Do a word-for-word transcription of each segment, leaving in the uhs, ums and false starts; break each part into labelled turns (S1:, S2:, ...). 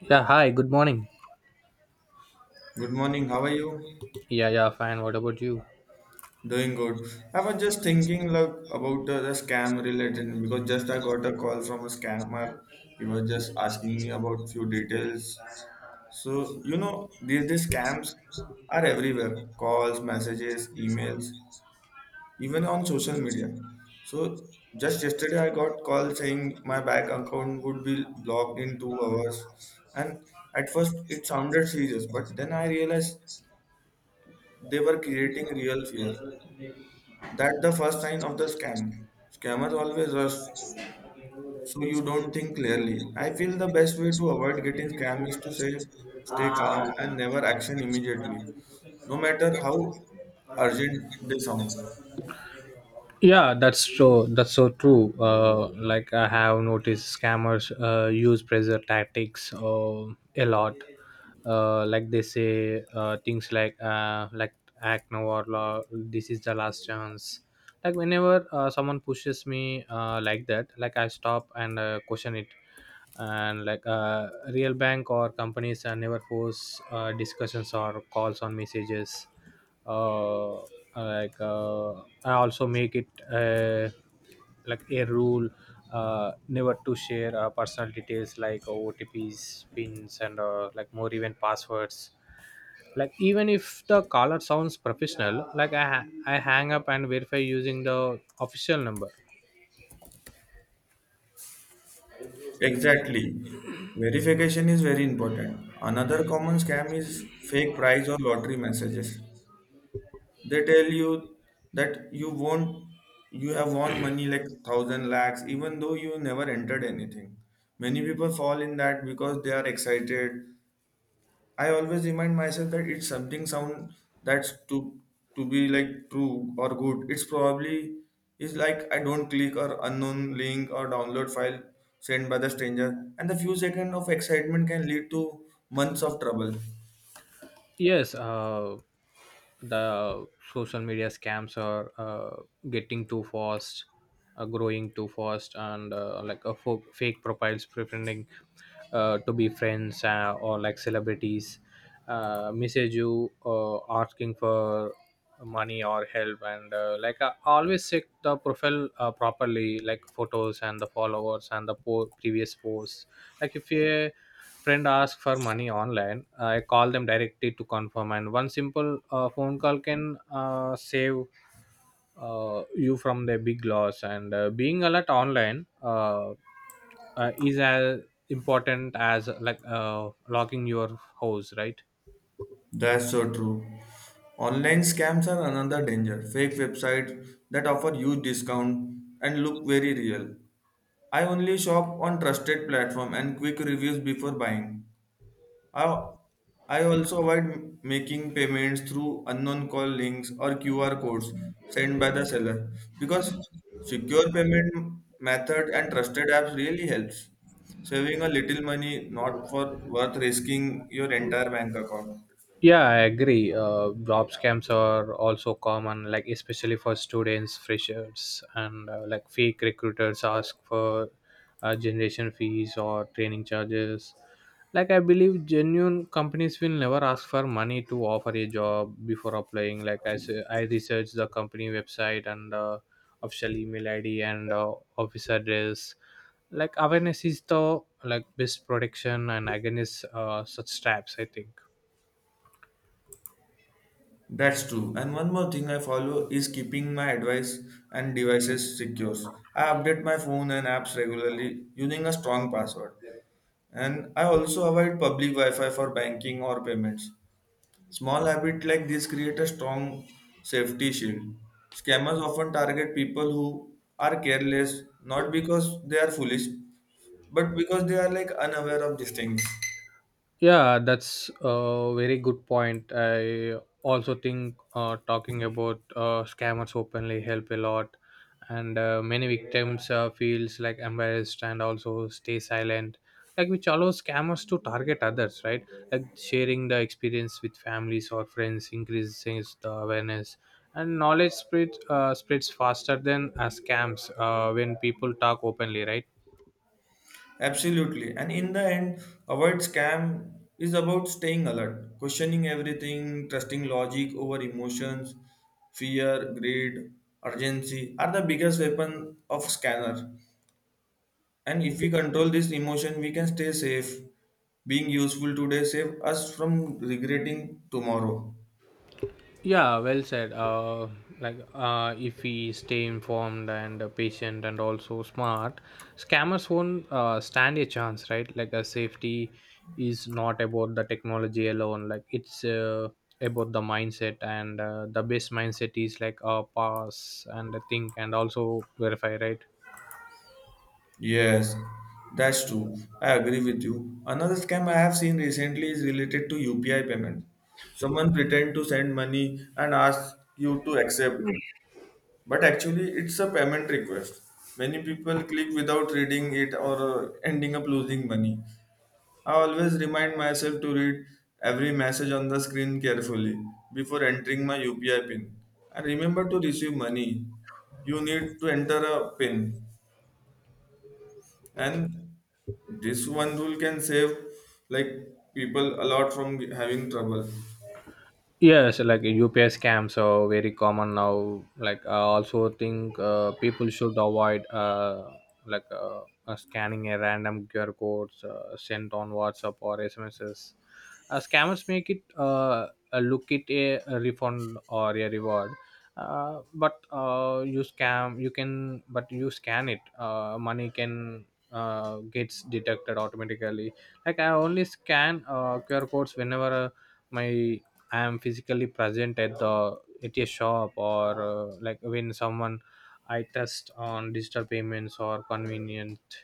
S1: Yeah, hi, good morning.
S2: Good morning. How are you?
S1: Yeah, yeah, fine. What about you?
S2: Doing good. I was just thinking like about uh, the scam related because just I got a call from a scammer. He was just asking me about few details. So you know these these scams are everywhere. Calls, messages, emails, even on social media. So just yesterday I got call saying my bank account would be blocked in two hours, and at first it sounded serious, but then I realized they were creating real fear. That's the first sign of the scam. Scammers always rush, so you don't think clearly. I feel the best way to avoid getting scammed is to say, stay calm and never action immediately, no matter how urgent they sound.
S1: yeah that's so that's so true. Uh, like I have noticed scammers uh, use pressure tactics, uh, a lot. Uh, like they say uh, things like uh, like act now or la- this is the last chance. Like, whenever uh, someone pushes me uh, like that, like I stop and uh, question it. And like uh, real bank or companies uh, never force uh, discussions or calls on messages. Uh, like uh, I also make it uh, like a rule, uh, never to share uh, personal details like OTPs, pins, and uh, like more, even passwords. Like, even if the caller sounds professional, like i ha- i hang up and verify using the official number.
S2: Exactly. Verification is very important. Another common scam is fake prize or lottery messages. They tell you that you won't, you have won money like thousand lakhs, even though you never entered anything. Many people fall in that because they are excited. I always remind myself that it's something sound that's to to be like true or good. It's probably is like I don't click or unknown link or download file sent by the stranger, and the few seconds of excitement can lead to months of trouble.
S1: Yes, uh, the social media scams are uh, getting too fast, uh, growing too fast. And uh, like a fo- fake profiles pretending uh, to be friends uh, or like celebrities uh, message you uh, asking for money or help. And uh, like, I always check the profile uh, properly, like photos and the followers and the po- previous posts. Like, if a friend asks for money online, uh, I call them directly to confirm. And one simple uh, phone call can uh, save uh, you from the big loss. And uh, being alert online uh, uh, is as important as like uh, locking your house, right?
S2: That's so true. Online scams are another danger. Fake websites that offer huge discount and look very real. I only shop on trusted platform and quick reviews before buying. I, I also avoid making payments through unknown call links or Q R codes sent by the seller because secure payment method and trusted apps really helps. Saving a little money not for worth risking your entire bank account.
S1: Yeah, I agree. Uh, job scams are also common, like especially for students, freshers, and uh, like fake recruiters ask for uh, generation fees or training charges. Like, I believe genuine companies will never ask for money to offer a job before applying. Like I s- I researched the company website and uh, official email I D, and uh, office address. Like, awareness is the like best protection and against uh, such traps, I think.
S2: That's true. And one more thing I follow is keeping my advice and devices secure. I update my phone and apps regularly using a strong password. And I also avoid public Wi-Fi for banking or payments. Small habits like this create a strong safety shield. Scammers often target people who are careless, not because they are foolish, but because they are like unaware of these things.
S1: Yeah, that's a very good point. I also think uh, talking about uh, scammers openly help a lot. And uh, many victims uh, feels like embarrassed and also stay silent, like, which allows scammers to target others, right? Like, sharing the experience with families or friends increases the awareness. And knowledge spreads uh, spreads faster than uh, scams uh, when people talk openly, right?
S2: Absolutely. And in the end, avoid scam is about staying alert, questioning everything, trusting logic over emotions, fear, greed, urgency are the biggest weapon of scanner. And if we control this emotion, we can stay safe. Being useful today save us from regretting tomorrow.
S1: Yeah, well said. Uh, like, uh, if we stay informed and uh, patient, and also smart, scammers won't uh, stand a chance, right? Like, a safety is not about the technology alone. Like, it's uh, about the mindset. And uh, the best mindset is like uh, pass and think and also verify, right?
S2: Yes, that's true. I agree with you. Another scam I have seen recently is related to U P I payment. Someone pretend to send money and ask you to accept, but actually it's a payment request. Many people click without reading it or uh, ending up losing money. I always remind myself to read every message on the screen carefully before entering my U P I pin. And remember to receive money. You need to enter a pin, and this one rule can save like people a lot from having trouble.
S1: yes like UPI scams are very common now. Like, I also think uh, people should avoid uh, like uh, uh, scanning a random QR codes uh, sent on WhatsApp or SMSs. Uh, scammers make it uh, uh, look it a, a refund or a reward. Uh, but uh, you scam you can but you scan it, uh, money can uh, gets deducted automatically. Like, I only scan uh, QR codes whenever uh, my I am physically present at the at a shop, or uh, like when someone I trust on digital payments or convenient.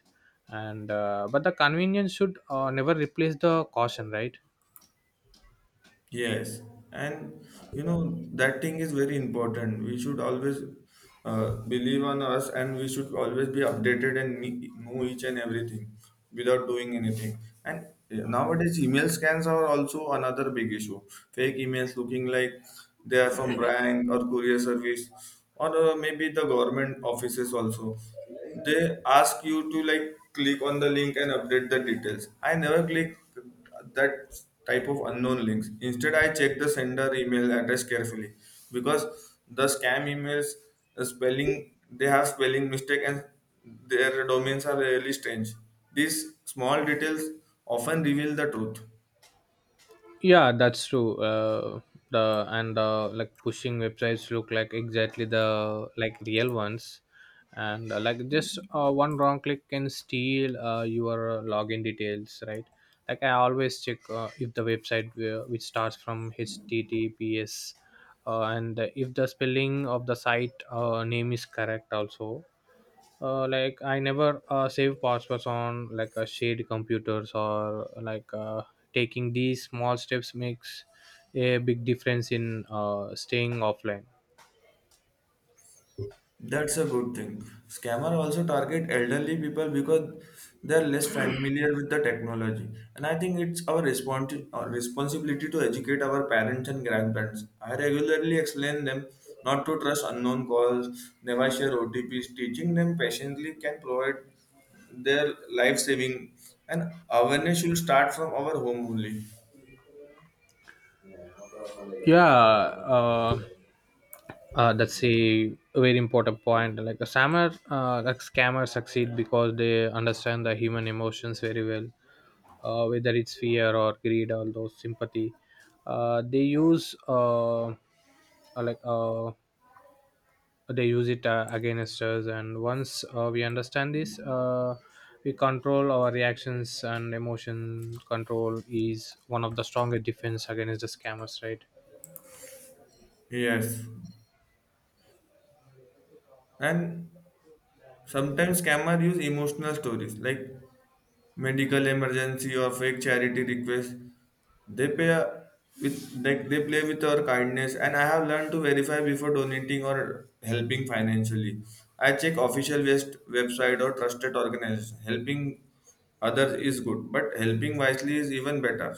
S1: And uh, but the convenience should uh, never replace the caution, right?
S2: Yes, and you know that thing is very important. We should always uh, believe on us, and we should always be updated and ne- know each and everything without doing anything. And eh, nowadays, email scams are also another big issue. Fake emails looking like they are from bank or courier service, or uh, maybe the government offices also. They ask you to like click on the link and update the details. I never click that type of unknown links. Instead, I check the sender email address carefully because the scam emails uh, spelling they have spelling mistake and their domains are really strange. These small details often reveal the truth.
S1: yeah that's true. Uh, the And uh, like pushing websites look like exactly the like real ones. And uh, like, just uh, one wrong click can steal uh, your login details, right? Like, I always check uh, if the website uh, which starts from https, uh, and if the spelling of the site uh, name is correct also. Uh, like, I never uh, save passwords on like a shared computers, or like uh, taking these small steps makes a big difference in uh, staying offline.
S2: That's a good thing. Scammer also target elderly people because they're less familiar with the technology. And I think it's our respons- our responsibility to educate our parents and grandparents. I regularly explain them not to trust unknown calls, never share O T Ps. Teaching them patiently can provide their life saving, and awareness should start from our home only.
S1: Yeah uh, uh, that's a very important point. Like, a scammer uh, like scammers succeed because they understand the human emotions very well. Uh, whether it's fear or greed or those sympathy. Uh, they use uh, uh, like uh, they use it uh, against us. And once uh, we understand this, uh, we control our reactions, and emotion control is one of the strongest defense against the scammers, right?
S2: Yes. And sometimes scammer use emotional stories like medical emergency or fake charity requests. They pay with, they, they play with our kindness, and I have learned to verify before donating or helping financially. I check official west website or trusted organization. Helping others is good but helping wisely is even better.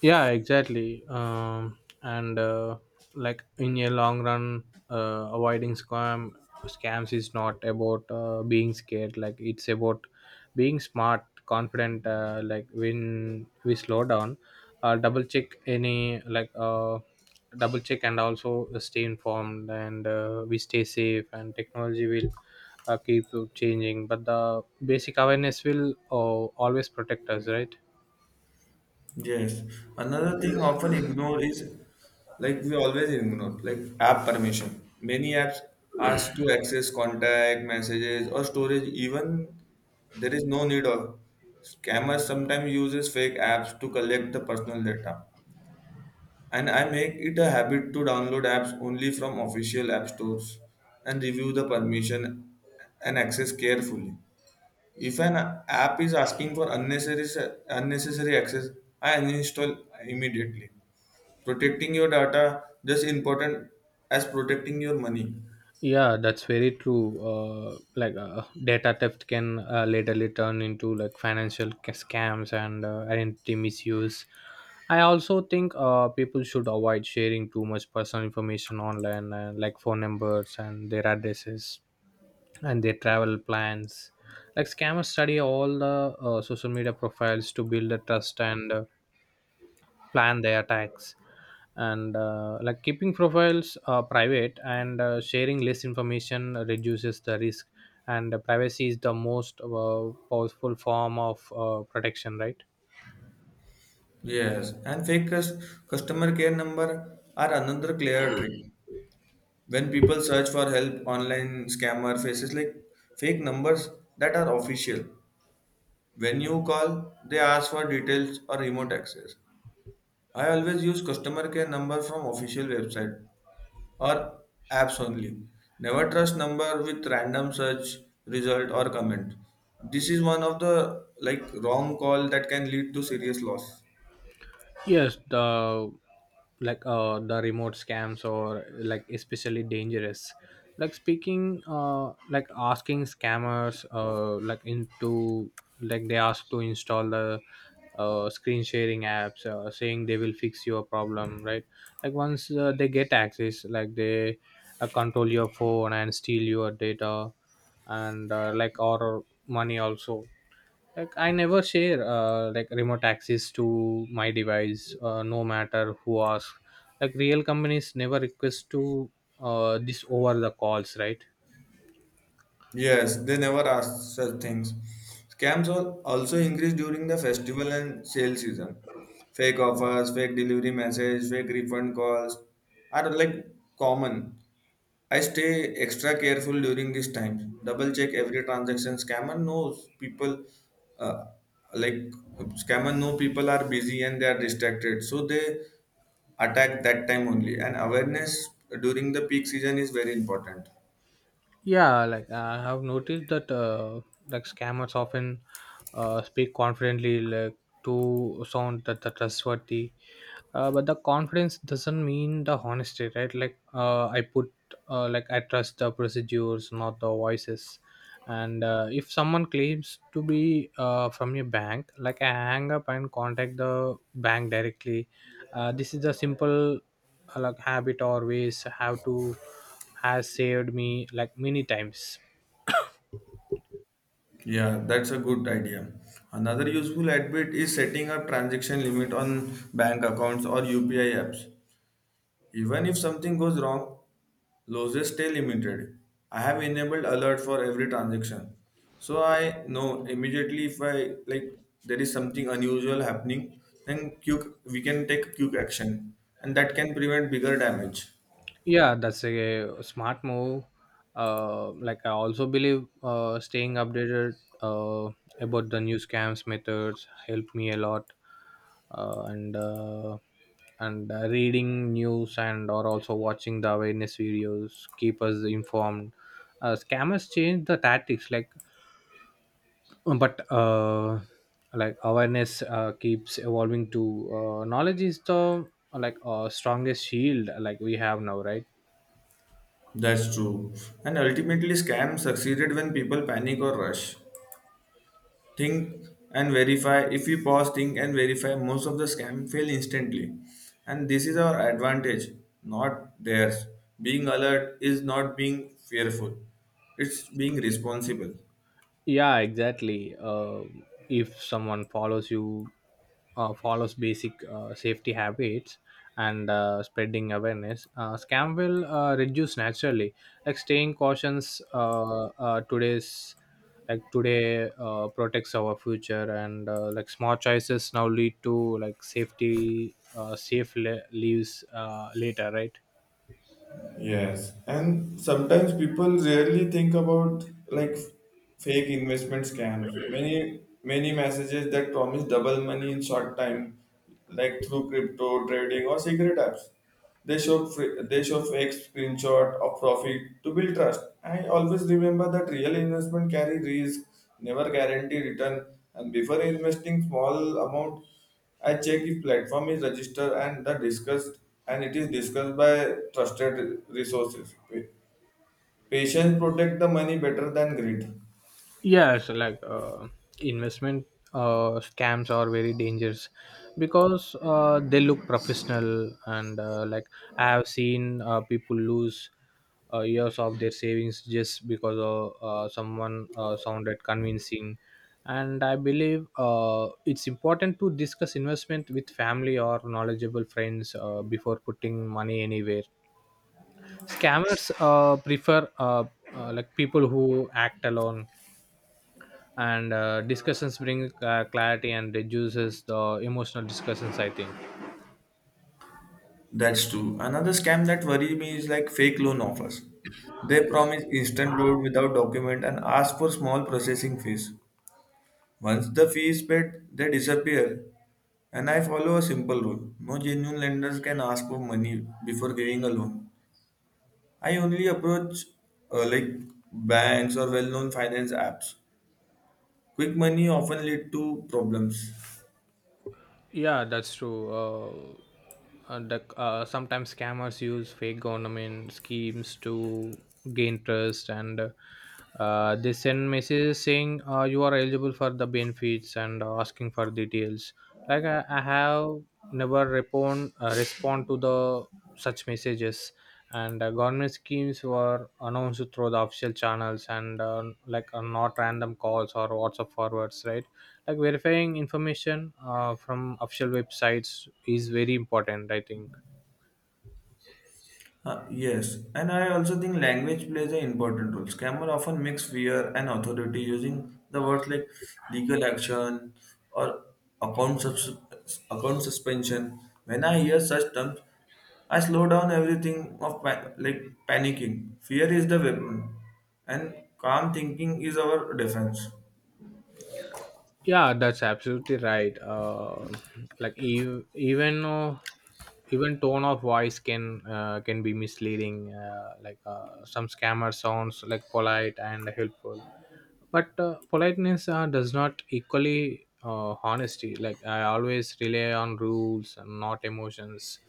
S1: Yeah exactly um and uh, Like, in a long run, uh, avoiding scam scams is not about uh, being scared. Like, it's about being smart, confident. Uh, like, when we slow down, uh, double check any like uh, double check and also stay informed. And uh, we stay safe, and technology will uh, keep changing. But the basic awareness will uh, always protect us, right?
S2: Yes. Another thing often ignored is like we always ignore like app permission. Many apps ask to access contact, messages, or storage even there is no need of. Scammers sometimes uses fake apps to collect the personal data. And I make it a habit to download apps only from official app stores and review the permission and access carefully. If an app is asking for unnecessary unnecessary access, I uninstall immediately. Protecting your data just important as protecting your money.
S1: Yeah, that's very true. Uh, like uh, data theft can uh, laterally turn into like financial ca- scams and uh, identity misuse. I also think uh, people should avoid sharing too much personal information online, uh, like phone numbers and their addresses and their travel plans. Like, scammers study all the uh, social media profiles to build the trust and uh, plan their attacks. And uh, like, keeping profiles uh, private and uh, sharing less information reduces the risk. And privacy is the most uh, powerful form of uh, protection, right?
S2: Yes, and fake cus- customer care number are another clear trick. When people search for help, online scammer faces like fake numbers that are official. When you call, they ask for details or remote access. I always use customer care number from official website or apps only. Never trust number with random search result or comment. This is one of the like wrong call that can lead to serious loss.
S1: Yes, the like uh, the remote scams or like especially dangerous. Like, speaking, uh, like asking scammers, uh, like into like they ask to install the uh, screen sharing apps, uh, saying they will fix your problem, right? Like, once uh, they get access, like they uh, control your phone and steal your data, and uh, like, our money also. Like, I never share uh, like remote access to my device, uh, no matter who asks. Like, real companies never request to uh, this over the calls, right?
S2: Yes, they never ask such things. Scams al- also increase during the festival and sale season. Fake offers, fake delivery message, fake refund calls are like common. I stay extra careful during this time. Double check every transaction. Scammer knows people, uh, like scammer know people are busy and they are distracted, so they attack that time only. And awareness during the peak season is very important.
S1: Yeah, like uh, I have noticed that uh, like scammers often uh, speak confidently, like to sound that the trustworthy. Uh, but the confidence doesn't mean the honesty, right? Like uh, I put uh, like I trust the procedures, not the voices. And uh, if someone claims to be uh, from your bank, like, I hang up and contact the bank directly. Uh, this is a simple uh, like habit or ways have to has saved me like many times.
S2: Yeah, that's a good idea. Another useful habit is setting up transaction limit on bank accounts or U P I apps. Even if something goes wrong, losses stay limited. I have enabled alert for every transaction. So I know immediately if I like there is something unusual happening, then quick, we can take quick action and that can prevent bigger damage.
S1: Yeah that's a smart move. Uh, like, I also believe uh, staying updated uh, about the new scams methods help me a lot. Uh, and uh, and uh, reading news and or also watching the awareness videos keep us informed. Uh, scammers change the tactics, like, but uh, like awareness uh, keeps evolving to uh, knowledge is the like uh, strongest shield like we have now, right?
S2: That's true. And ultimately scams succeeded when people panic or rush. Think and verify. If we pause, think and verify, most of the scam fail instantly, and this is our advantage, not theirs. Being alert is not being fearful, it's being responsible.
S1: yeah exactly. Uh, if someone follows you uh, follows basic uh, safety habits and uh, spreading awareness, uh, scam will uh, reduce naturally. Like, staying cautious uh, uh, today's like today uh, protects our future. And uh, like, small choices now lead to like safety uh, safe le- leaves uh, later, right?
S2: Yes, and sometimes people rarely think about like fake investment scams. Many many messages that promise double money in short time, like through crypto trading or secret apps. They show fr- they show fake screenshot of profit to build trust. I always remember that real investment carry risk, never guarantee return, and before investing small amount. I check if platform is registered and the discussed and it is discussed by trusted resources. Patients protect the money better than greed.
S1: Yes, like uh, investment uh, scams are very dangerous because uh, they look professional and uh, like, I have seen uh, people lose uh, years of their savings just because of uh, someone uh, sounded convincing. And I believe uh, it's important to discuss investment with family or knowledgeable friends uh, before putting money anywhere. Scammers uh, prefer uh, uh, like people who act alone. And uh, discussions bring uh, clarity and reduces the emotional discussions, I think.
S2: That's true. Another scam that worry me is like fake loan offers. They promise instant loan without document and ask for small processing fees. Once the fee is paid, they disappear. And I follow a simple rule. No genuine lenders can ask for money before giving a loan. I only approach uh, like banks or well-known finance apps. Quick money often lead to problems.
S1: Yeah that's true. Uh, and the, uh, sometimes scammers use fake government schemes to gain trust and uh, they send messages saying uh, you are eligible for the benefits and uh, asking for details. Like i, I have never respond uh, respond to the such messages. And uh, government schemes were announced through the official channels, and uh, like uh, not random calls or WhatsApp forwards, right? Like, verifying information uh, from official websites is very important, I think.
S2: Uh, yes, and I also think language plays an important role. Scammer often mix fear and authority using the words like legal action or account sus- account suspension. When I hear such terms, I slow down everything of pa- like panicking. Fear is the weapon, and calm thinking is our defense.
S1: Yeah that's absolutely right. Uh, like, ev- even though even tone of voice can uh, can be misleading. Uh, like uh, some scammer sounds like polite and helpful. But uh, politeness uh, does not equally uh, honesty. Like, I always rely on rules and not emotions.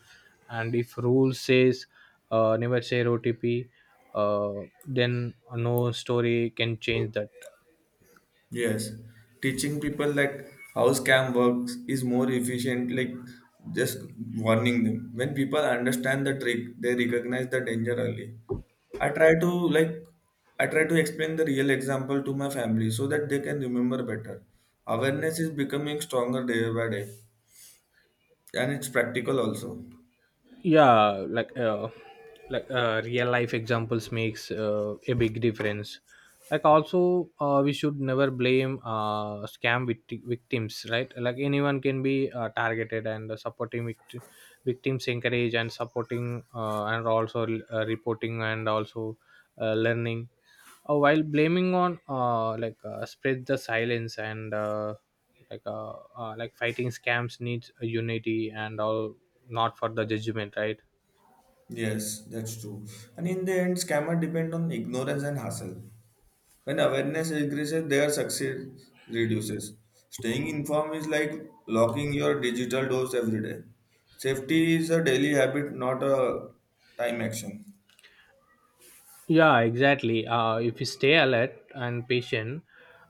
S1: And if rule says uh, never share OTP, uh, then no story can change that.
S2: Yes, teaching people like how scam works is more efficient, like just warning them. When people understand the trick, they recognize the danger early. I try to like I try to explain the real example to my family so that they can remember better. Awareness is becoming stronger day by day, and it's practical also.
S1: Yeah like uh, like uh, real life examples makes uh, a big difference. Like, also uh, we should never blame uh, scam vict- victims, right? Like, anyone can be uh, targeted, and supporting vict- victims encourage, and supporting uh, and also uh, reporting, and also uh, learning uh, while blaming on uh, like uh, spread the silence. And uh, like uh, uh, like fighting scams needs a unity and all, not for the judgment, right?
S2: Yes, that's true. And in the end, scammer depend on ignorance and hustle. When awareness increases, their success reduces. Staying informed is like locking your digital doors every day. Safety is a daily habit, not a time action.
S1: yeah exactly. Uh, if we stay alert and patient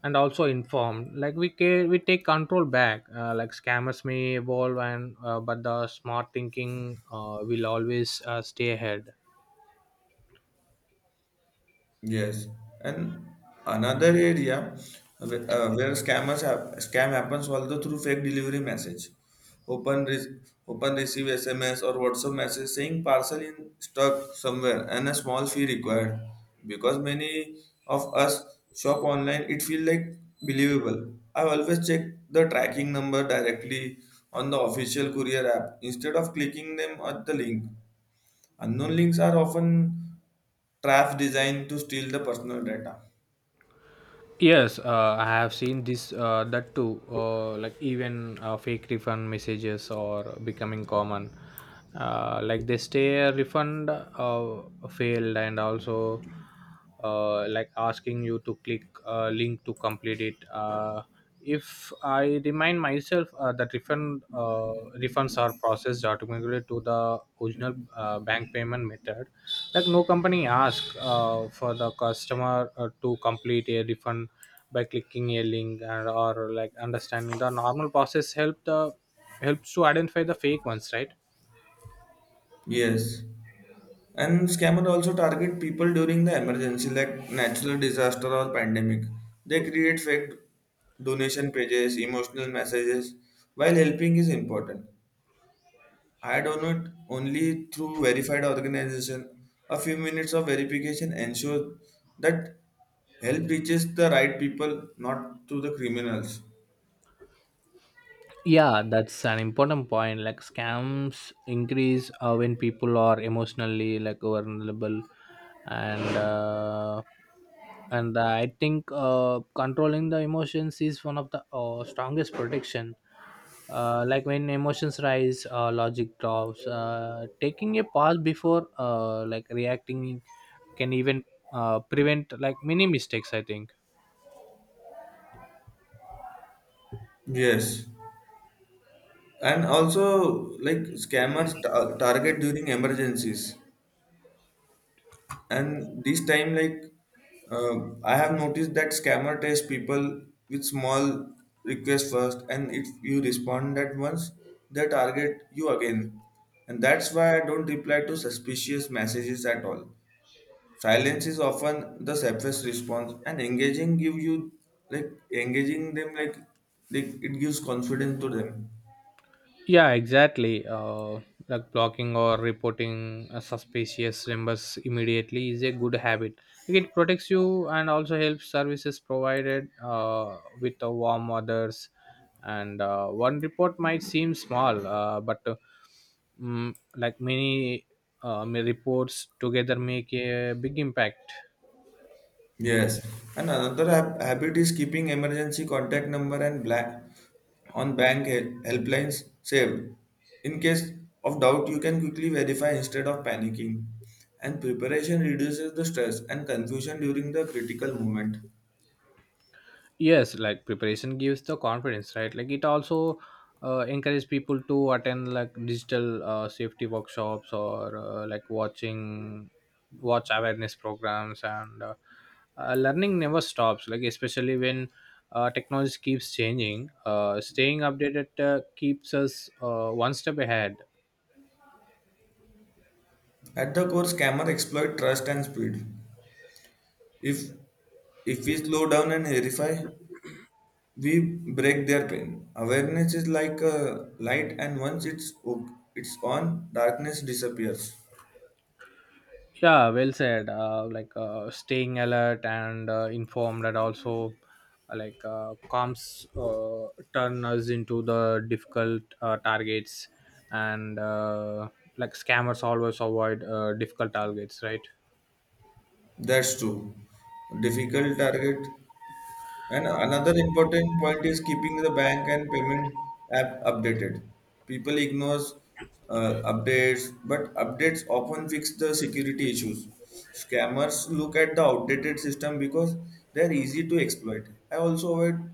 S1: and also informed, like, we can we take control back. Uh, like, scammers may evolve and uh, but the smart thinking uh, will always uh, stay ahead.
S2: Yes, and another area wh- uh, where scammers have, scam happens also through fake delivery message. Open re- Open receive S M S or WhatsApp message saying parcel in stuck somewhere and a small fee required. Because many of us shop online, it feel like believable. I always check the tracking number directly on the official courier app instead of clicking them at the link. Unknown links are often traps designed to steal the personal data.
S1: Yes, uh, I have seen this uh, that too. Uh, like, even uh, fake refund messages are becoming common. Uh, like, they stay a refund uh, failed and also uh, like, asking you to click a link to complete it. Uh, if I remind myself uh, that refund uh, refunds are processed automatically to the original uh, bank payment method, like no company asks uh, for the customer uh, to complete a refund by clicking a link and, or like understanding the normal process help the helps to identify the fake ones, right?
S2: Yes. And scammers also target people during the emergency like natural disaster or pandemic. They create fake donation pages, emotional messages while helping is important. I don't know it only through verified organization. A few minutes of verification ensures that help reaches the right people, not to the criminals.
S1: Yeah, that's an important point, like scams increase uh, when people are emotionally like vulnerable and uh, and uh, I think uh, controlling the emotions is one of the uh, strongest protection. Uh, like when emotions rise, uh, logic drops. Uh, taking a pause before uh, like reacting can even uh, prevent like many mistakes, I think.
S2: Yes, and also like scammers ta- target during emergencies and this time like uh, I have noticed that scammer test people with small requests first, and if you respond that once they target you again, and that's why I don't reply to suspicious messages at all. Silence is often the safest response and engaging give you like engaging them like, like it gives confidence to them.
S1: Yeah, exactly. Uh, like blocking or reporting uh, suspicious members immediately is a good habit. Like, it protects you and also helps services provided uh, with the warm others. And uh, one report might seem small, uh, but uh, mm, like many uh, ma- reports together make a big impact.
S2: Yes, and another hab- habit is keeping emergency contact number and black on bank hel- helplines saved. In case of doubt, you can quickly verify instead of panicking. And preparation reduces the stress and confusion during the critical moment.
S1: Yes, like preparation gives the confidence, right? Like it also uh, encourage people to attend like digital uh, safety workshops or uh, like watching watch awareness programs and uh, uh, learning never stops, like especially when uh, technology keeps changing. Uh, staying updated uh, keeps us uh, one step ahead.
S2: At the core, scammer exploit trust and speed. If if we slow down and verify, we break their pain. Awareness is like a light, and once it's o- it's on, darkness disappears.
S1: Yeah, well said. Uh, like uh, staying alert and uh, informed, and also uh, like uh, comms uh, turn us into the difficult uh, targets, and uh, like scammers always avoid uh, difficult targets, right?
S2: That's true. Difficult target. And another important point is keeping the bank and payment app updated. People ignores uh, updates, but updates often fix the security issues. Scammers look at the outdated system because they are easy to exploit. I also avoid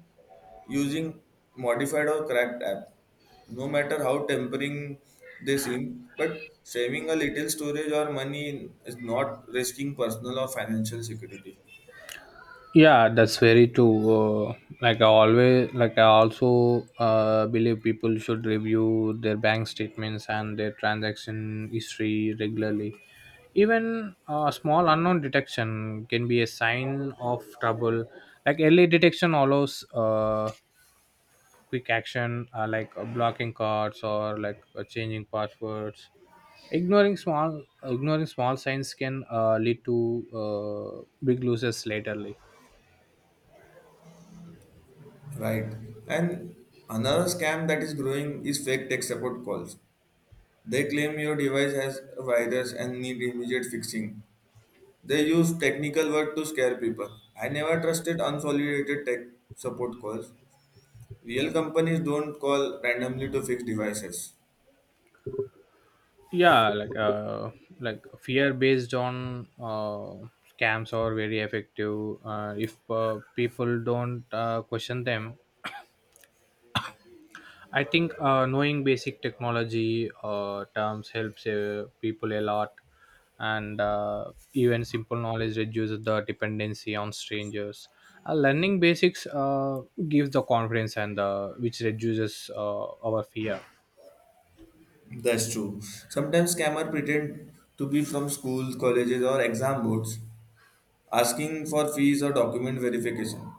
S2: using modified or cracked app, no matter how tempering they seem. But saving a little storage or money is not risking personal or financial security.
S1: Yeah, that's very true. uh, like I always like I also uh, believe people should review their bank statements and their transaction history regularly. Even uh, small unknown detection can be a sign of trouble. Like early detection allows uh, quick action, uh, like uh, blocking cards or like uh, changing passwords. Ignoring small ignoring small signs can uh, lead to uh, big losses laterly.
S2: Right. And another scam that is growing is fake tech support calls. They claim your device has a virus and need immediate fixing. They use technical word to scare people. I never trusted unsolicited tech support calls. Real companies don't call randomly to fix devices.
S1: yeah like uh like Fear based on uh scams are very effective uh, if uh, people don't uh, question them. I think uh, knowing basic technology uh, terms helps uh, people a lot, and uh, even simple knowledge reduces the dependency on strangers. Uh, learning basics uh, gives the confidence, and uh, which reduces uh, our fear.
S2: That's true. Sometimes scammers pretend to be from schools, colleges, or exam boards, asking for fees or document verification.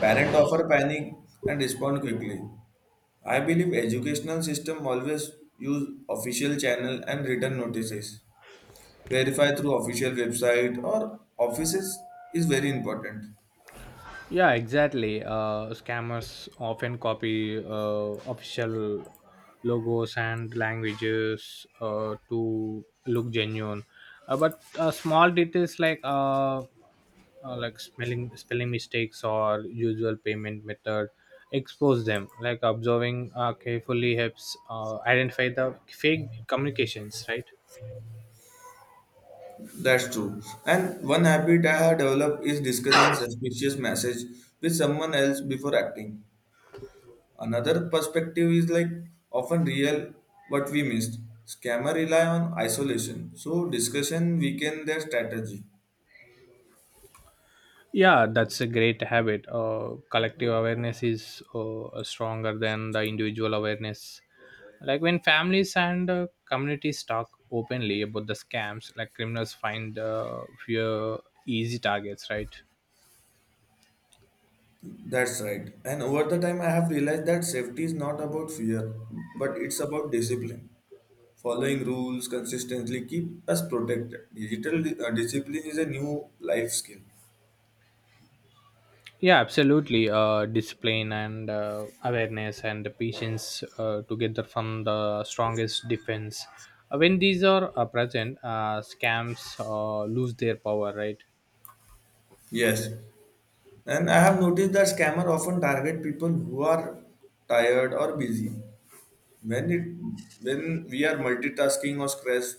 S2: Parents offer panic and respond quickly. I believe educational system always use official channel and written notices. Verify through official website or offices is very important.
S1: Yeah, exactly. Uh, scammers often copy uh, official logos and languages uh, to look genuine. Uh, but uh, small details like uh, uh, like spelling spelling mistakes or usual payment method expose them. Like observing uh, carefully helps uh, identify the fake communications, right?
S2: That's true. And one habit I have developed is discussing suspicious message with someone else before acting. Another perspective is like often real what we missed. Scammer rely on isolation, so discussion weaken their strategy.
S1: Yeah, that's a great habit. Uh, collective awareness is uh, stronger than the individual awareness. Like when families and uh, communities talk openly about the scams, like criminals find uh, few easy targets, right?
S2: That's right. And over the time, I have realized that safety is not about fear, but it's about discipline. Following rules consistently keep us protected. Digital di- uh, discipline is a new life skill.
S1: Yeah, absolutely. Uh, discipline and uh, awareness and patience uh, together from the strongest defense. Uh, when these are uh, present, uh, scams uh, lose their power, right?
S2: Yes. And I have noticed that scammer often target people who are tired or busy. When it when we are multitasking or stressed,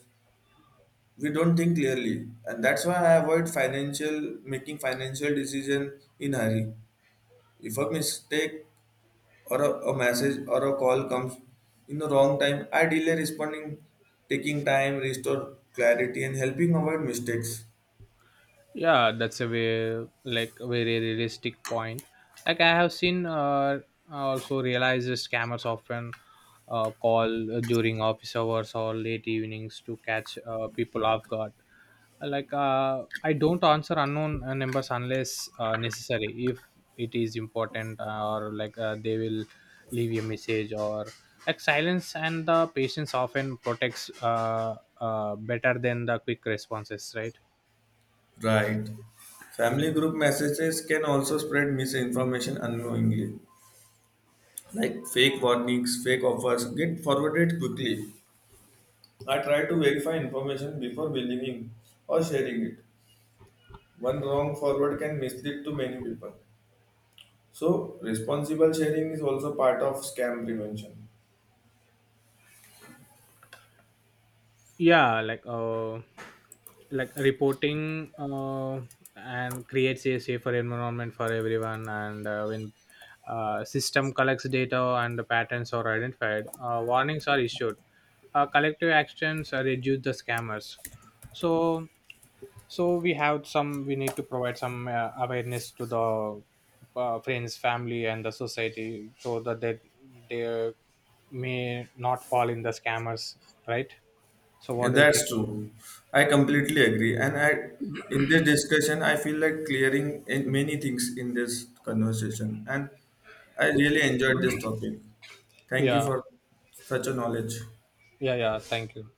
S2: we don't think clearly. And that's why I avoid financial making financial decision in hurry. If a mistake or a, a message or a call comes in the wrong time, I delay responding, taking time, restore clarity, and helping avoid mistakes.
S1: Yeah, that's a very like very realistic point. Like I have seen, uh, I also realize the scammers often uh, call during office hours or late evenings to catch uh, people off guard. Like uh, I don't answer unknown uh, numbers unless uh, necessary. If it is important, uh, or like uh, they will leave a message, or like silence and the patience often protects uh, uh, better than the quick responses, right?
S2: Right. Family group messages can also spread misinformation unknowingly, like fake warnings, fake offers get forwarded quickly. I try to verify information before believing or sharing it. One wrong forward can mislead to many people. So, responsible sharing is also part of scam prevention.
S1: yeah like uh like Reporting uh and creates a safer environment for everyone, and uh, when uh, system collects data and the patterns are identified, uh, warnings are issued. Uh, collective actions uh, reduce the scammers. So so we have some, we need to provide some uh, awareness to the uh, friends, family and the society so that they, they may not fall in the scammers, right? So
S2: Yeah,
S1: what do you think?
S2: that's true. I completely agree. And I, in this discussion, I feel like clearing in many things in this conversation. And I really enjoyed this topic. Thank you
S1: Yeah,
S2: for such a knowledge.
S1: yeah, yeah. Thank you.